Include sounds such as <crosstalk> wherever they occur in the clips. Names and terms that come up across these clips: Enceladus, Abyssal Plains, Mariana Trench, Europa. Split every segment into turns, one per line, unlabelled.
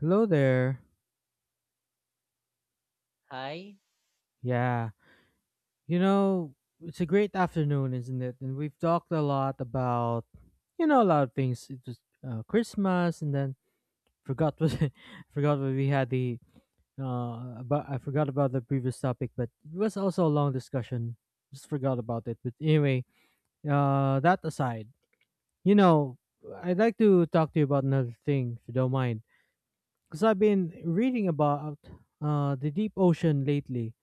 Hello there.
Hi,
Yeah. You know, it's a great afternoon, isn't it? And we've talked a lot about a lot of things. It was Christmas, and then forgot what <laughs> forgot what we had the about. I forgot about the previous topic, but it was also a long discussion. Just forgot about it. But anyway, that aside, you know, I'd like to talk to you about another thing, if you don't mind, because I've been reading about the deep ocean lately.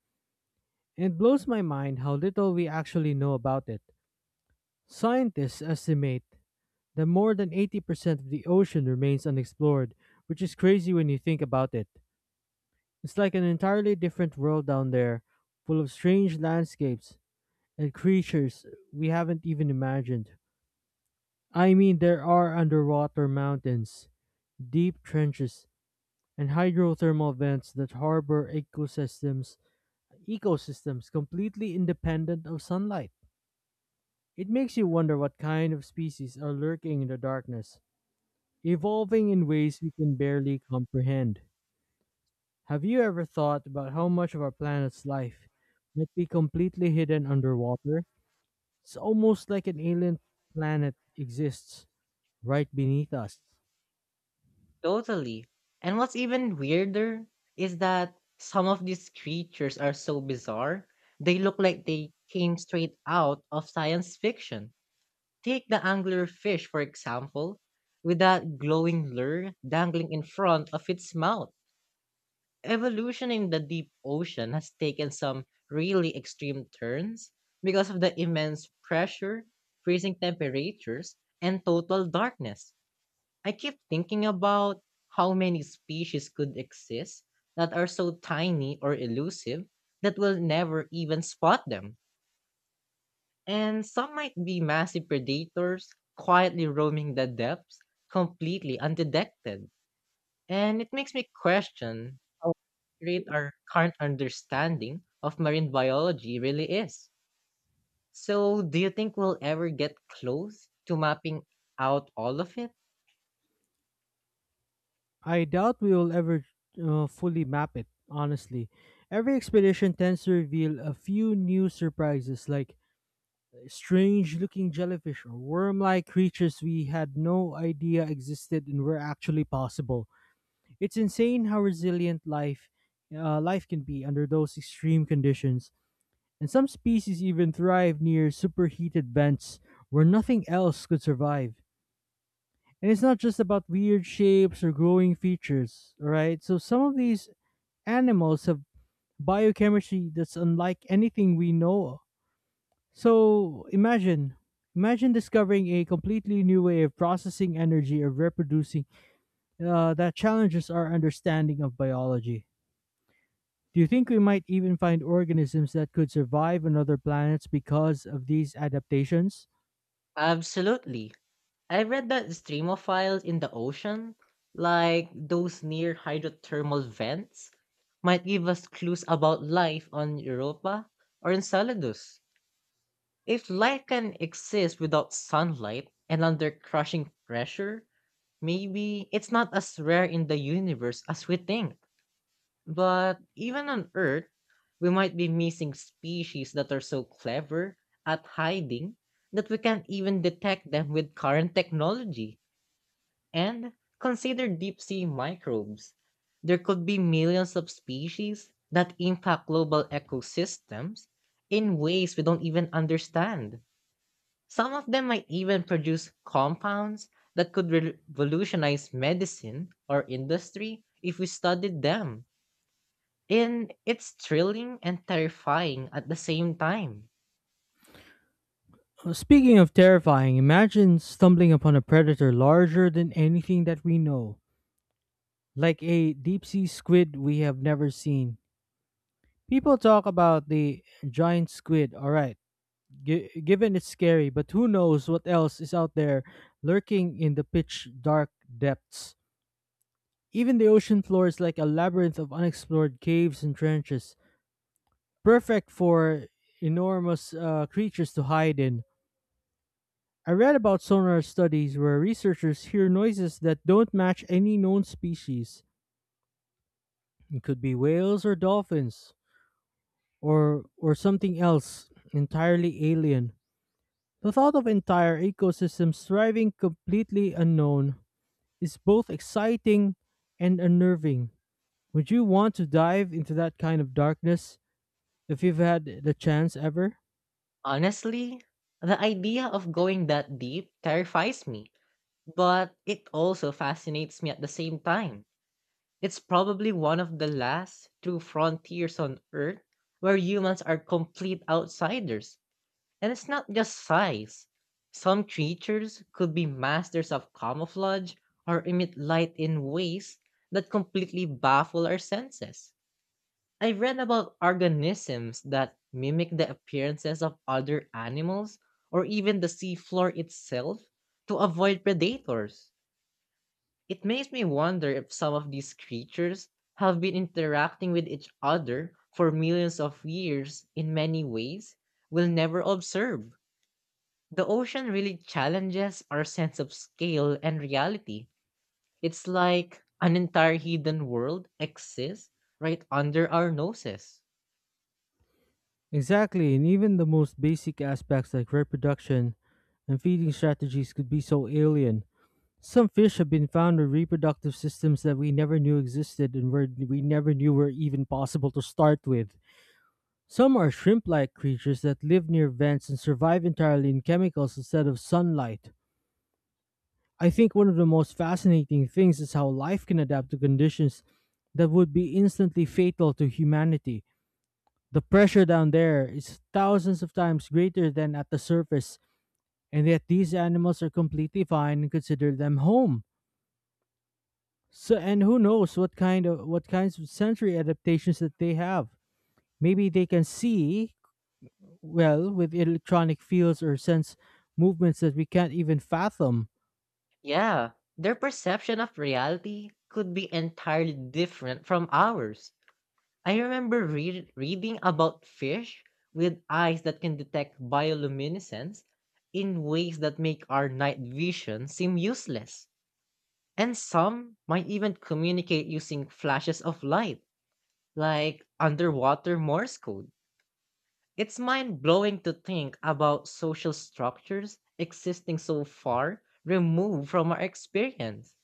It blows my mind how little we actually know about it. Scientists estimate that more than 80% of the ocean remains unexplored, which is crazy when you think about it. It's like an entirely different world down there, full of strange landscapes and creatures we haven't even imagined. I mean, there are underwater mountains, deep trenches, and hydrothermal vents that harbor ecosystems completely independent of sunlight. It makes you wonder what kind of species are lurking in the darkness, evolving in ways we can barely comprehend. Have you ever thought about how much of our planet's life might be completely hidden underwater? It's almost like an alien planet exists right beneath us.
totally. And what's even weirder is that some of these creatures are so bizarre, they look like they came straight out of science fiction. Take the anglerfish, for example, with that glowing lure dangling in front of its mouth. Evolution in the deep ocean has taken some really extreme turns because of the immense pressure, freezing temperatures, and total darkness. I keep thinking about how many species could exist that are so tiny or elusive that we'll never even spot them. And some might be massive predators quietly roaming the depths completely undetected. And it makes me question how accurate our current understanding of marine biology really is. So, do you think we'll ever get close to mapping out all of it?
I doubt we will ever fully map it, honestly. Every expedition tends to reveal a few new surprises, like strange looking jellyfish or worm like creatures we had no idea existed and were actually possible. It's insane how resilient life can be under those extreme conditions. And some species even thrive near superheated vents where nothing else could survive. And it's not just about weird shapes or glowing features, alright? So some of these animals have biochemistry that's unlike anything we know, so imagine discovering a completely new way of processing energy or reproducing, that challenges our understanding of biology. Do you think we might even find organisms that could survive on other planets because of these adaptations?
Absolutely. I read that streamophiles in the ocean, like those near hydrothermal vents, might give us clues about life on Europa or Enceladus. If life can exist without sunlight and under crushing pressure, maybe it's not as rare in the universe as we think. But even on Earth, we might be missing species that are so clever at hiding that we can't even detect them with current technology. And consider deep sea microbes. There could be millions of species that impact global ecosystems in ways we don't even understand. Some of them might even produce compounds that could revolutionize medicine or industry if we studied them. And it's thrilling and terrifying at the same time.
Speaking of terrifying, imagine stumbling upon a predator larger than anything that we know, like a deep sea squid we have never seen. People talk about the giant squid, alright. Given it's scary, but who knows what else is out there lurking in the pitch dark depths. Even the ocean floor is like a labyrinth of unexplored caves and trenches, perfect for enormous creatures to hide in. I read about sonar studies where researchers hear noises that don't match any known species. It could be whales or dolphins, or something else entirely alien. The thought of entire ecosystems thriving completely unknown is both exciting and unnerving. Would you want to dive into that kind of darkness if you've had the chance ever?
Honestly, the idea of going that deep terrifies me, but it also fascinates me at the same time. It's probably one of the last true frontiers on Earth where humans are complete outsiders. And it's not just size. Some creatures could be masters of camouflage or emit light in ways that completely baffle our senses. I have read about organisms that mimic the appearances of other animals or even the seafloor itself to avoid predators. It makes me wonder if some of these creatures have been interacting with each other for millions of years in many ways we'll never observe. The ocean really challenges our sense of scale and reality. It's like an entire hidden world exists right under our noses.
Exactly, and even the most basic aspects like reproduction and feeding strategies could be so alien. Some fish have been found with reproductive systems that we never knew existed and we never knew were even possible to start with. Some are shrimp like creatures that live near vents and survive entirely in chemicals instead of sunlight. I think one of the most fascinating things is how life can adapt to conditions that would be instantly fatal to humanity. The pressure down there is thousands of times greater than at the surface, and yet these animals are completely fine and consider them home. So, and who knows what kinds of sensory adaptations that they have. Maybe they can see well with electronic fields or sense movements that we can't even fathom.
Yeah, their perception of reality could be entirely different from ours. I remember reading about fish with eyes that can detect bioluminescence in ways that make our night vision seem useless. And some might even communicate using flashes of light, like underwater Morse code. It's mind blowing to think about social structures existing so far removed from our experience.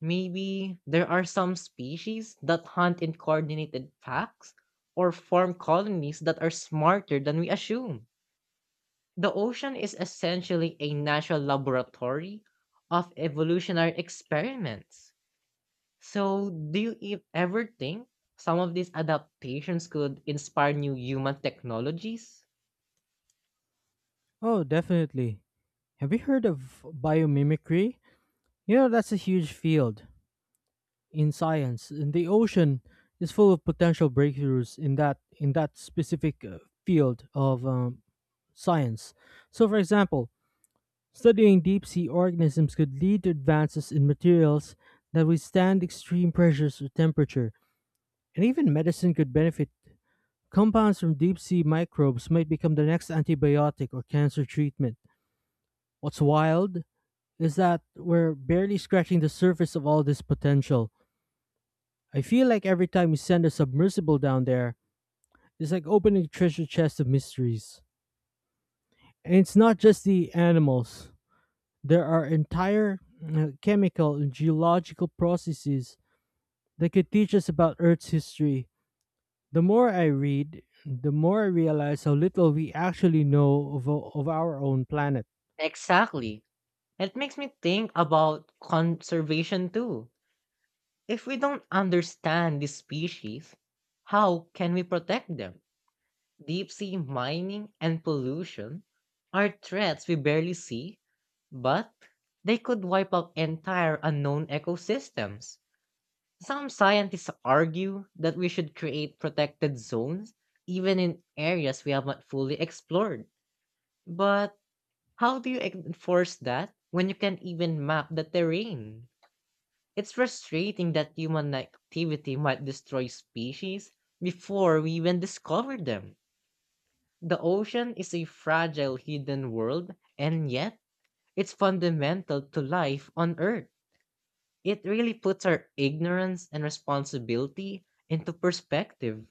Maybe there are some species that hunt in coordinated packs or form colonies that are smarter than we assume. The ocean is essentially a natural laboratory of evolutionary experiments. So, do you ever think some of these adaptations could inspire new human technologies?
Oh, definitely. Have you heard of biomimicry? You know, that's a huge field in science, and the ocean is full of potential breakthroughs in that specific field of science. So, for example, studying deep sea organisms could lead to advances in materials that withstand extreme pressures or temperature, and even medicine could benefit. Compounds from deep sea microbes might become the next antibiotic or cancer treatment. What's wild is that we're barely scratching the surface of all this potential. I feel like every time we send a submersible down there, it's like opening a treasure chest of mysteries. And it's not just the animals, there are entire chemical and geological processes that could teach us about Earth's history. The more I read, the more I realize how little we actually know of our own planet.
Exactly. It makes me think about conservation too. If we don't understand these species, how can we protect them? Deep sea mining and pollution are threats we barely see, but they could wipe out entire unknown ecosystems. Some scientists argue that we should create protected zones even in areas we have not fully explored. But how do you enforce that when you can't even map the terrain? It's frustrating that human activity might destroy species before we even discover them. The ocean is a fragile hidden world, and yet it's fundamental to life on Earth. It really puts our ignorance and responsibility into perspective.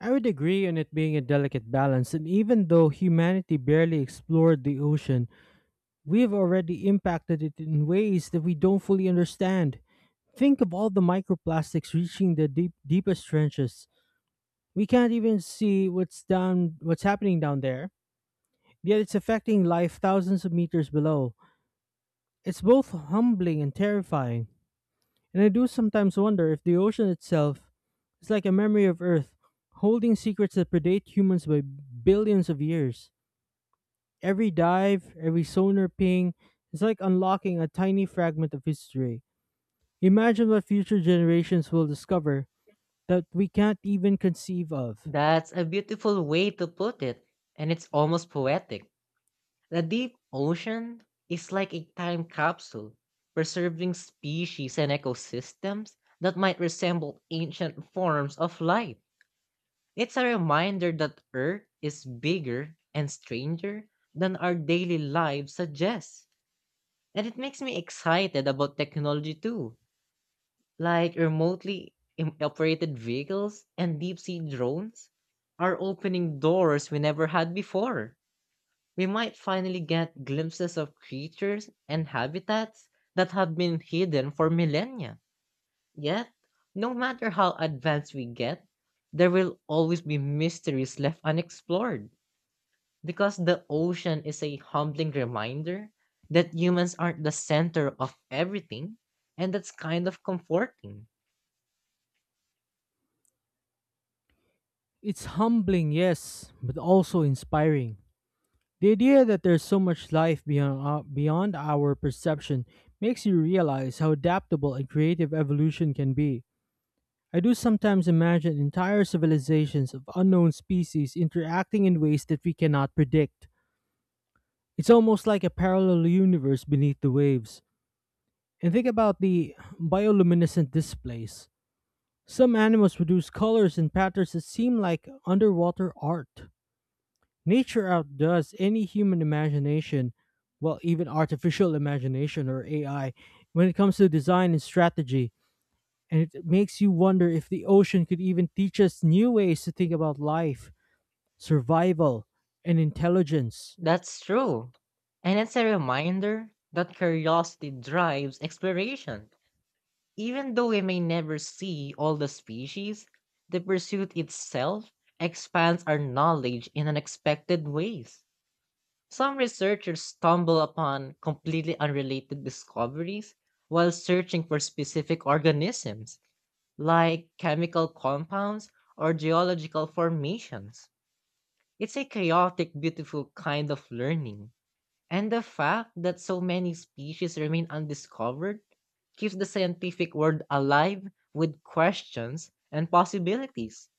I would agree on it being a delicate balance, and even though humanity barely explored the ocean, we've already impacted it in ways that we don't fully understand. Think of all the microplastics reaching the deepest trenches. We can't even see what's happening down there. Yet it's affecting life thousands of meters below. It's both humbling and terrifying. And I do sometimes wonder if the ocean itself is like a memory of Earth, holding secrets that predate humans by billions of years. Every dive, every sonar ping, is like unlocking a tiny fragment of history. Imagine what future generations will discover that we can't even conceive of.
That's a beautiful way to put it, and it's almost poetic. The deep ocean is like a time capsule, preserving species and ecosystems that might resemble ancient forms of life. It's a reminder that Earth is bigger and stranger than our daily lives suggest. And it makes me excited about technology too, like remotely operated vehicles and deep sea drones are opening doors we never had before. We might finally get glimpses of creatures and habitats that have been hidden for millennia. Yet, no matter how advanced we get, there will always be mysteries left unexplored, because the ocean is a humbling reminder that humans aren't the center of everything, and that's kind of comforting.
It's humbling, yes, but also inspiring. The idea that there's so much life beyond our perception makes you realize how adaptable and creative evolution can be. I do sometimes imagine entire civilizations of unknown species interacting in ways that we cannot predict. It's almost like a parallel universe beneath the waves. And think about the bioluminescent displays. Some animals produce colors and patterns that seem like underwater art. Nature outdoes any human imagination, well, even artificial imagination or AI, when it comes to design and strategy. And it makes you wonder if the ocean could even teach us new ways to think about life, survival, and intelligence.
That's true. And it's a reminder that curiosity drives exploration. Even though we may never see all the species, the pursuit itself expands our knowledge in unexpected ways. Some researchers stumble upon completely unrelated discoveries while searching for specific organisms, like chemical compounds or geological formations. It's a chaotic, beautiful kind of learning, and the fact that so many species remain undiscovered keeps the scientific world alive with questions and possibilities.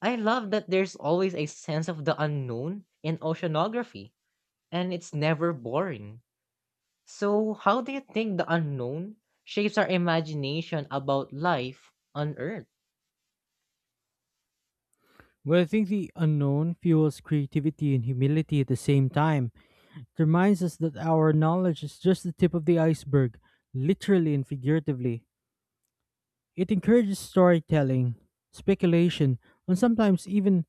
I love that there's always a sense of the unknown in oceanography, and it's never boring. So, how do you think the unknown shapes our imagination about life on Earth?
Well, I think the unknown fuels creativity and humility at the same time. It reminds us that our knowledge is just the tip of the iceberg, literally and figuratively. It encourages storytelling, speculation, and sometimes even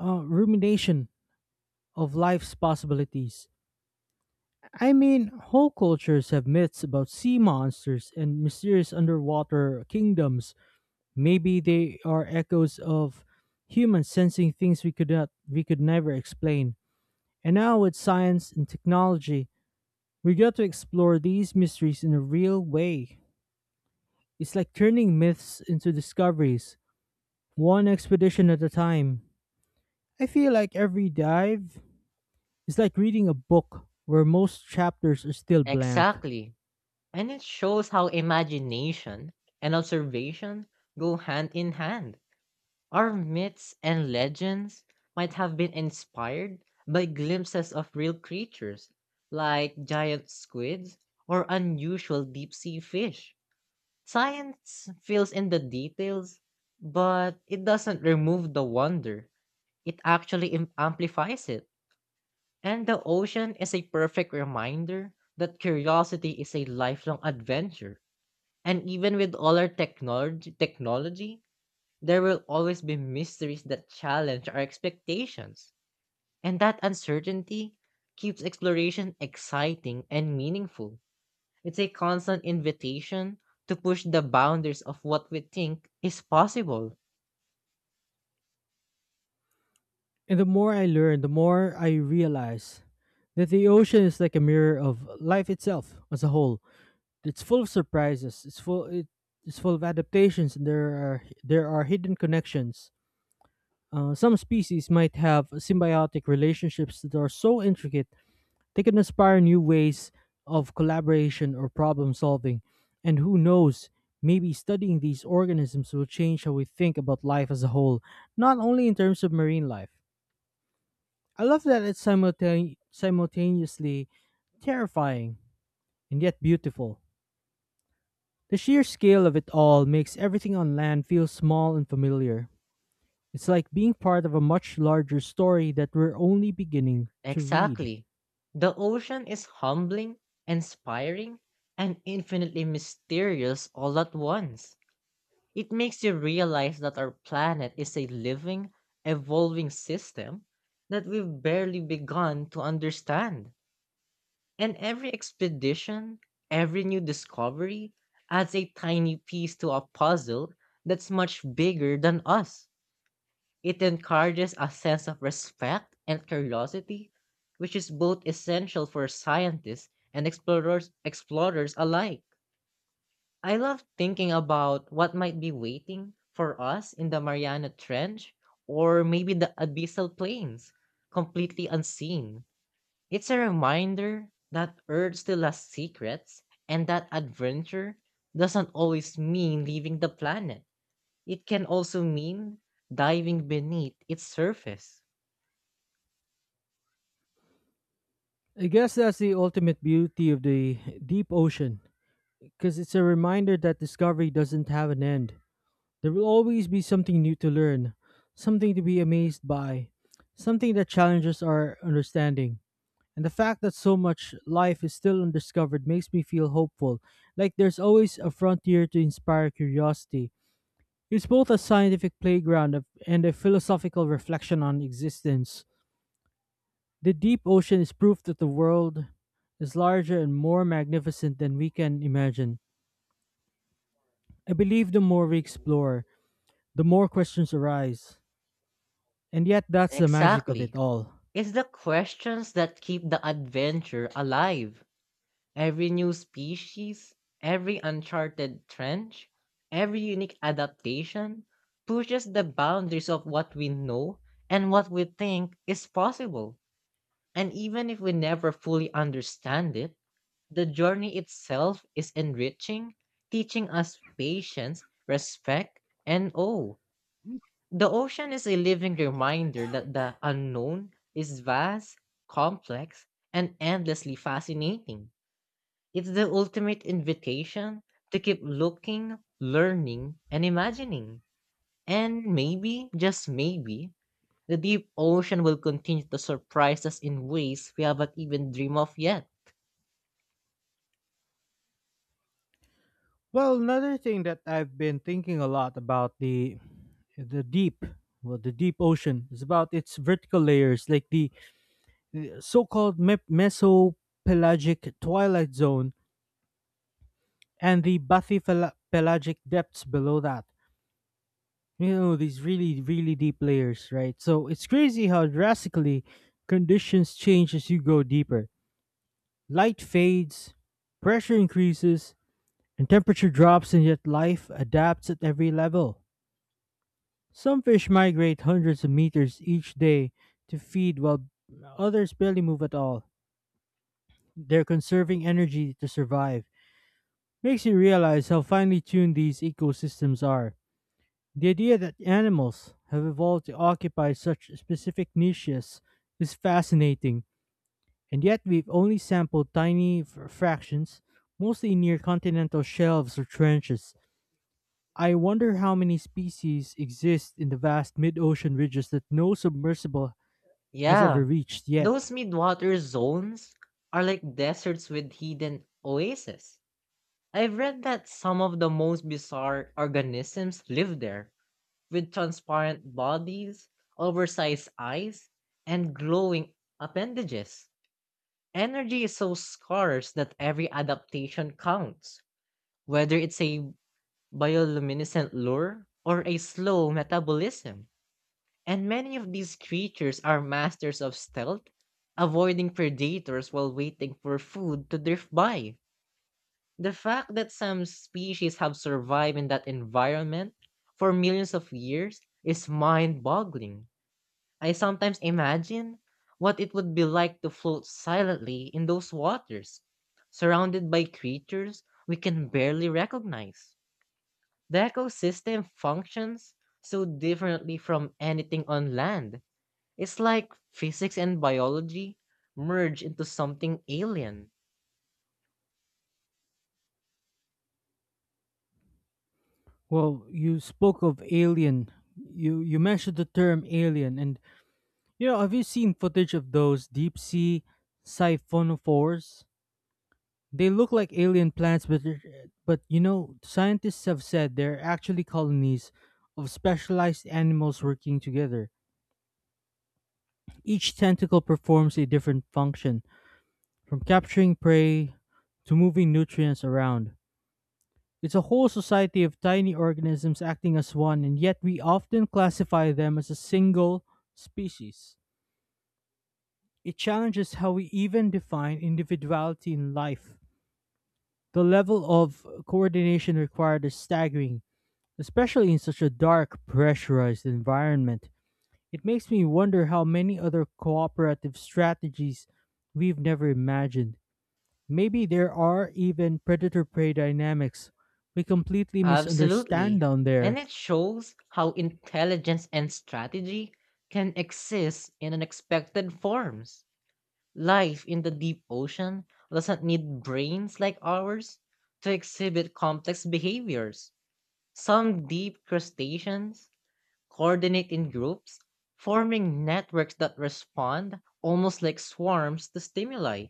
rumination of life's possibilities. I mean, whole cultures have myths about sea monsters and mysterious underwater kingdoms. Maybe they are echoes of humans sensing things we could not, we could never explain. And now with science and technology, we get to explore these mysteries in a real way. It's like turning myths into discoveries, one expedition at a time. I feel like every dive is like reading a book where most chapters are still blank.
Exactly. And it shows how imagination and observation go hand in hand. Our myths and legends might have been inspired by glimpses of real creatures, like giant squids or unusual deep sea fish. Science fills in the details, but it doesn't remove the wonder. It actually amplifies it. And the ocean is a perfect reminder that curiosity is a lifelong adventure. And even with all our technology, there will always be mysteries that challenge our expectations, and that uncertainty keeps exploration exciting and meaningful. It's a constant invitation to push the boundaries of what we think is possible.
And the more I learn, the more I realize that the ocean is like a mirror of life itself as a whole. It's full of surprises. It's full of adaptations, and there are hidden connections. Some species might have symbiotic relationships that are so intricate. They can inspire new ways of collaboration or problem solving. And who knows, maybe studying these organisms will change how we think about life as a whole, not only in terms of marine life. I love that it's simultaneously terrifying and yet beautiful. The sheer scale of it all makes everything on land feel small and familiar. It's like being part of a much larger story that we're only beginning to read.
Exactly. The ocean is humbling, inspiring, and infinitely mysterious all at once. It makes you realize that our planet is a living, evolving system that we've barely begun to understand. And every expedition, every new discovery adds a tiny piece to a puzzle that's much bigger than us. It encourages a sense of respect and curiosity, which is both essential for scientists and explorers alike. I love thinking about what might be waiting for us in the Mariana Trench, or maybe the Abyssal Plains, completely unseen. It's a reminder that Earth still has secrets and that adventure doesn't always mean leaving the planet. It can also mean diving beneath its surface.
I guess that's the ultimate beauty of the deep ocean, because it's a reminder that discovery doesn't have an end. There will always be something new to learn, something to be amazed by, something that challenges our understanding. And the fact that so much life is still undiscovered makes me feel hopeful, like there's always a frontier to inspire curiosity. It's both a scientific playground and a philosophical reflection on existence. The deep ocean is proof that the world is larger and more magnificent than we can imagine. I believe the more we explore, the more questions arise. And yet, that's the magic of it
Exactly.
all.
It's the questions that keep the adventure alive. Every new species, every uncharted trench, every unique adaptation pushes the boundaries of what we know and what we think is possible. And even if we never fully understand it, the journey itself is enriching, teaching us patience, respect, and awe. The ocean is a living reminder that the unknown is vast, complex, and endlessly fascinating. It's the ultimate invitation to keep looking, learning, and imagining. And maybe, just maybe, the deep ocean will continue to surprise us in ways we haven't even dreamed of yet.
Well, another thing that I've been thinking a lot about: the deep, well, the deep ocean is about its vertical layers, like the so-called mesopelagic twilight zone and the bathypelagic depths below that. You know these really, really deep layers, right? So it's crazy how drastically conditions change as you go deeper. Light fades, pressure increases, and temperature drops, and yet life adapts at every level. Some fish migrate hundreds of meters each day to feed, while others barely move at all. They're conserving energy to survive. Makes you realize how finely tuned these ecosystems are. The idea that animals have evolved to occupy such specific niches is fascinating, and yet we've only sampled tiny fractions, mostly near continental shelves or trenches. I wonder how many species exist in the vast mid ocean ridges that no submersible has ever
Yeah,
reached yet.
those midwater zones are like deserts with hidden oases. I've read that some of the most bizarre organisms live there, with transparent bodies, oversized eyes, and glowing appendages. Energy is so scarce that every adaptation counts, whether it's a bioluminescent lure or a slow metabolism. And many of these creatures are masters of stealth, avoiding predators while waiting for food to drift by. The fact that some species have survived in that environment for millions of years is mind boggling. I sometimes imagine what it would be like to float silently in those waters, surrounded by creatures we can barely recognize. The ecosystem functions so differently from anything on land. It's like physics and biology merge into something alien.
Well, you spoke of alien. You mentioned the term alien, and have you seen footage of those deep sea siphonophores? They look like alien plants, but scientists have said they're actually colonies of specialized animals working together. Each tentacle performs a different function, from capturing prey to moving nutrients around. It's a whole society of tiny organisms acting as one, and yet we often classify them as a single species. It challenges how we even define individuality in life. The level of coordination required is staggering, especially in such a dark, pressurized environment. It makes me wonder how many other cooperative strategies we've never imagined. Maybe there are even predator prey dynamics we completely misunderstand
Absolutely.
down
And
there.
it shows how intelligence and strategy can exist in unexpected forms. Life in the deep ocean doesn't need brains like ours to exhibit complex behaviors. Some deep crustaceans coordinate in groups, forming networks that respond almost like swarms to stimuli.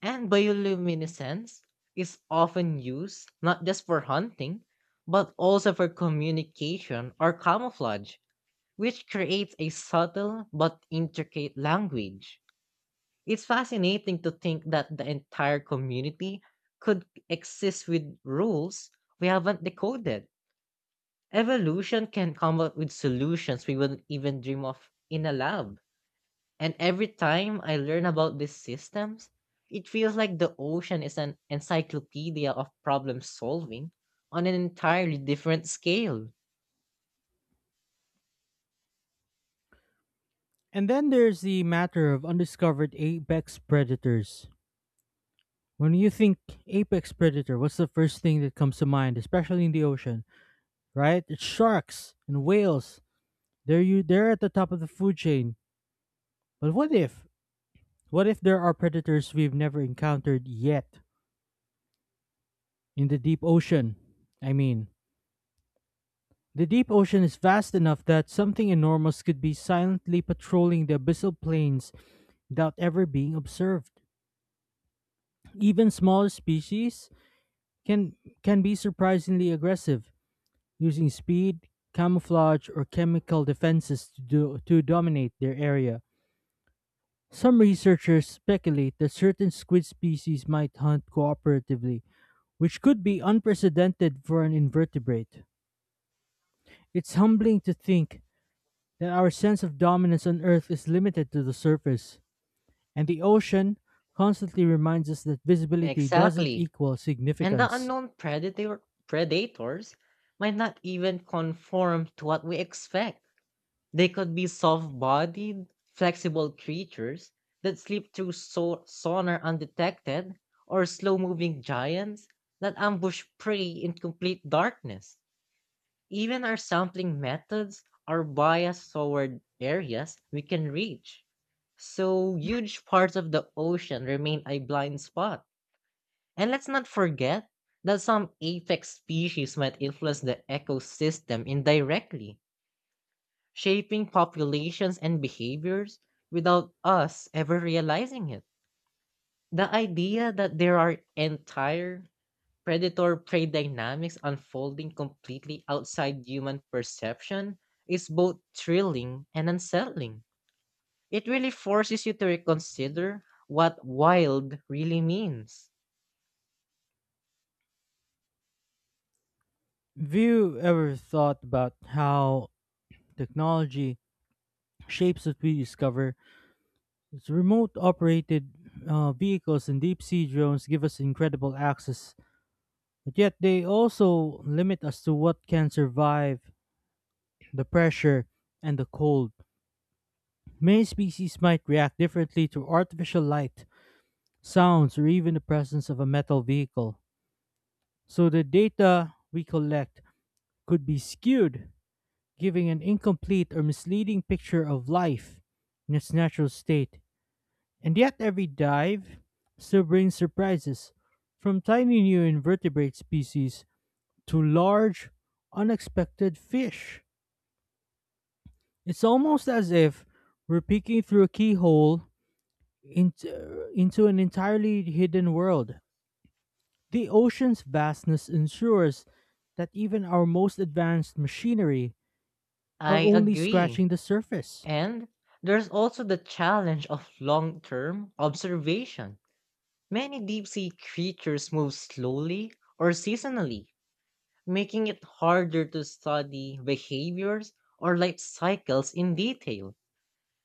And bioluminescence is often used not just for hunting, but also for communication or camouflage, which creates a subtle but intricate language. It's fascinating to think that the entire community could exist with rules we haven't decoded. Evolution can come up with solutions we wouldn't even dream of in a lab. And every time I learn about these systems, it feels like the ocean is an encyclopedia of problem solving on an entirely different scale.
And then there's the matter of undiscovered apex predators. When you think apex predator, what's the first thing that comes to mind, especially in the ocean, right? It's sharks and whales. They're at the top of the food chain. But what if there are predators we've never encountered yet in the deep ocean? I mean, the deep ocean is vast enough that something enormous could be silently patrolling the abyssal plains without ever being observed. Even smaller species can can be surprisingly aggressive, using speed, camouflage, or chemical defenses to do, to dominate their area. Some researchers speculate that certain squid species might hunt cooperatively, which could be unprecedented for an invertebrate. It's humbling to think that our sense of dominance on Earth is limited to the surface, and the ocean constantly reminds us that visibility doesn't
Exactly.
equal
And the
significance.
unknown predators might not even conform to what we expect. They could be soft bodied, flexible creatures that slip through sonar undetected, or slow moving giants that ambush prey in complete darkness. Even our sampling methods are biased toward areas we can reach. So huge parts of the ocean remain a blind spot. And let's not forget that some apex species might influence the ecosystem indirectly, shaping populations and behaviors without us ever realizing it. The idea that there are entire predator prey dynamics unfolding completely outside human perception is both thrilling and unsettling. It really forces you to reconsider what wild really means.
Have you ever thought about how technology shapes what we discover? Its remote operated vehicles and deep sea drones give us incredible access, but yet they also limit us to what can survive the pressure and the cold. Many species might react differently to artificial light sounds, or even the presence of a metal vehicle. So the data we collect could be skewed, giving an incomplete or misleading picture of life in its natural state. And yet, every dive still brings surprises, from tiny new invertebrate species to large, unexpected fish. It's almost as if we're peeking through a keyhole into an entirely hidden world. The ocean's vastness ensures that even our most advanced machinery are
I
only
agree.
scratching the surface.
And there's also the challenge of long term observation. Many deep sea creatures move slowly or seasonally, making it harder to study behaviors or life cycles in detail.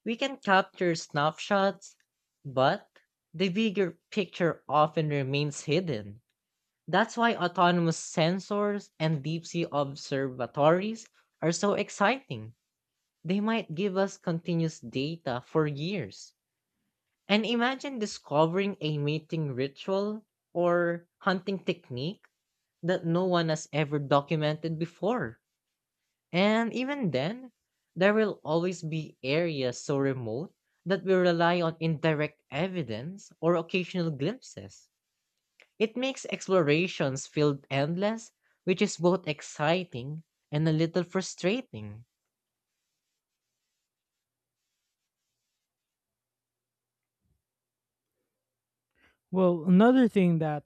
We can capture snapshots, but the bigger picture often remains hidden. That's why autonomous sensors and deep sea observatories are so exciting. They might give us continuous data for years. And imagine discovering a mating ritual or hunting technique that no one has ever documented before. And even then, there will always be areas so remote that we rely on indirect evidence or occasional glimpses. It makes explorations feel endless, which is both exciting and a little frustrating.
Well, another thing that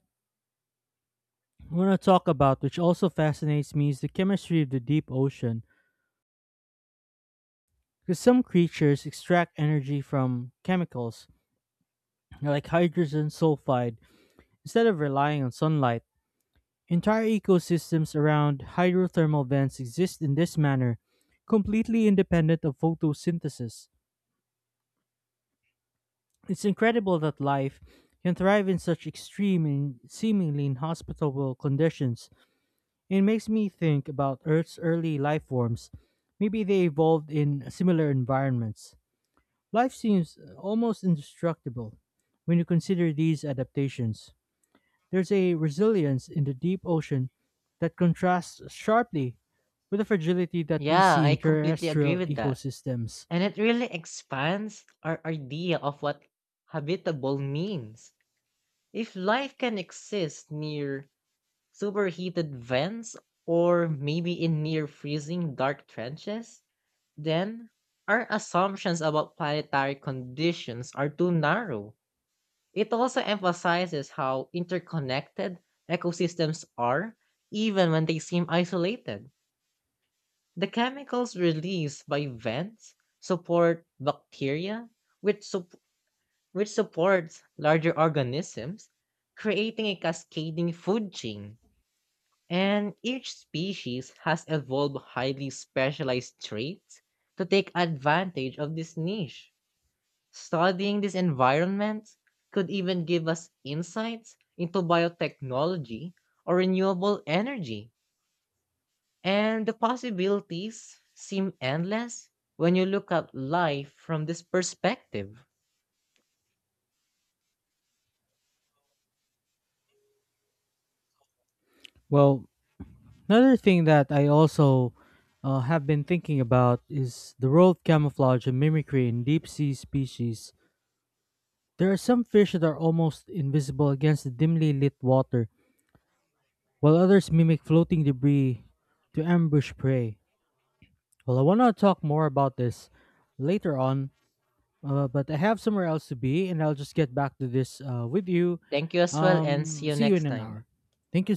I want to talk about, which also fascinates me, is the chemistry of the deep ocean, because some creatures extract energy from chemicals, like hydrogen sulfide, instead of relying on sunlight. Entire ecosystems around hydrothermal vents exist in this manner, completely independent of photosynthesis. It's incredible that life can thrive in such extreme and seemingly inhospitable conditions. It makes me think about Earth's early life forms. Maybe they evolved in similar environments. Life seems almost indestructible when you consider these adaptations. There's a resilience in the deep ocean that contrasts sharply with the fragility that we
Yeah,
see
I
in
completely agree
terrestrial
with that.
ecosystems.
And it really expands our idea of what habitable means. If life can exist near superheated vents or maybe in near freezing dark trenches, then our assumptions about planetary conditions are too narrow. It also emphasizes how interconnected ecosystems are, even when they seem isolated. The chemicals released by vents support bacteria, which support which supports larger organisms, creating a cascading food chain. And each species has evolved highly specialized traits to take advantage of this niche. Studying this environment could even give us insights into biotechnology or renewable energy. And the possibilities seem endless when you look at life from this perspective.
Well, another thing that I also have been thinking about is the role of camouflage and mimicry in deep sea species. There are some fish that are almost invisible against the dimly lit water, while others mimic floating debris to ambush prey. Well, I want to talk more about this later on, but I have somewhere else to be, and I'll just get back to this with you.
Thank you as well, and see you
See you in
next
an hour.
time.
Thank you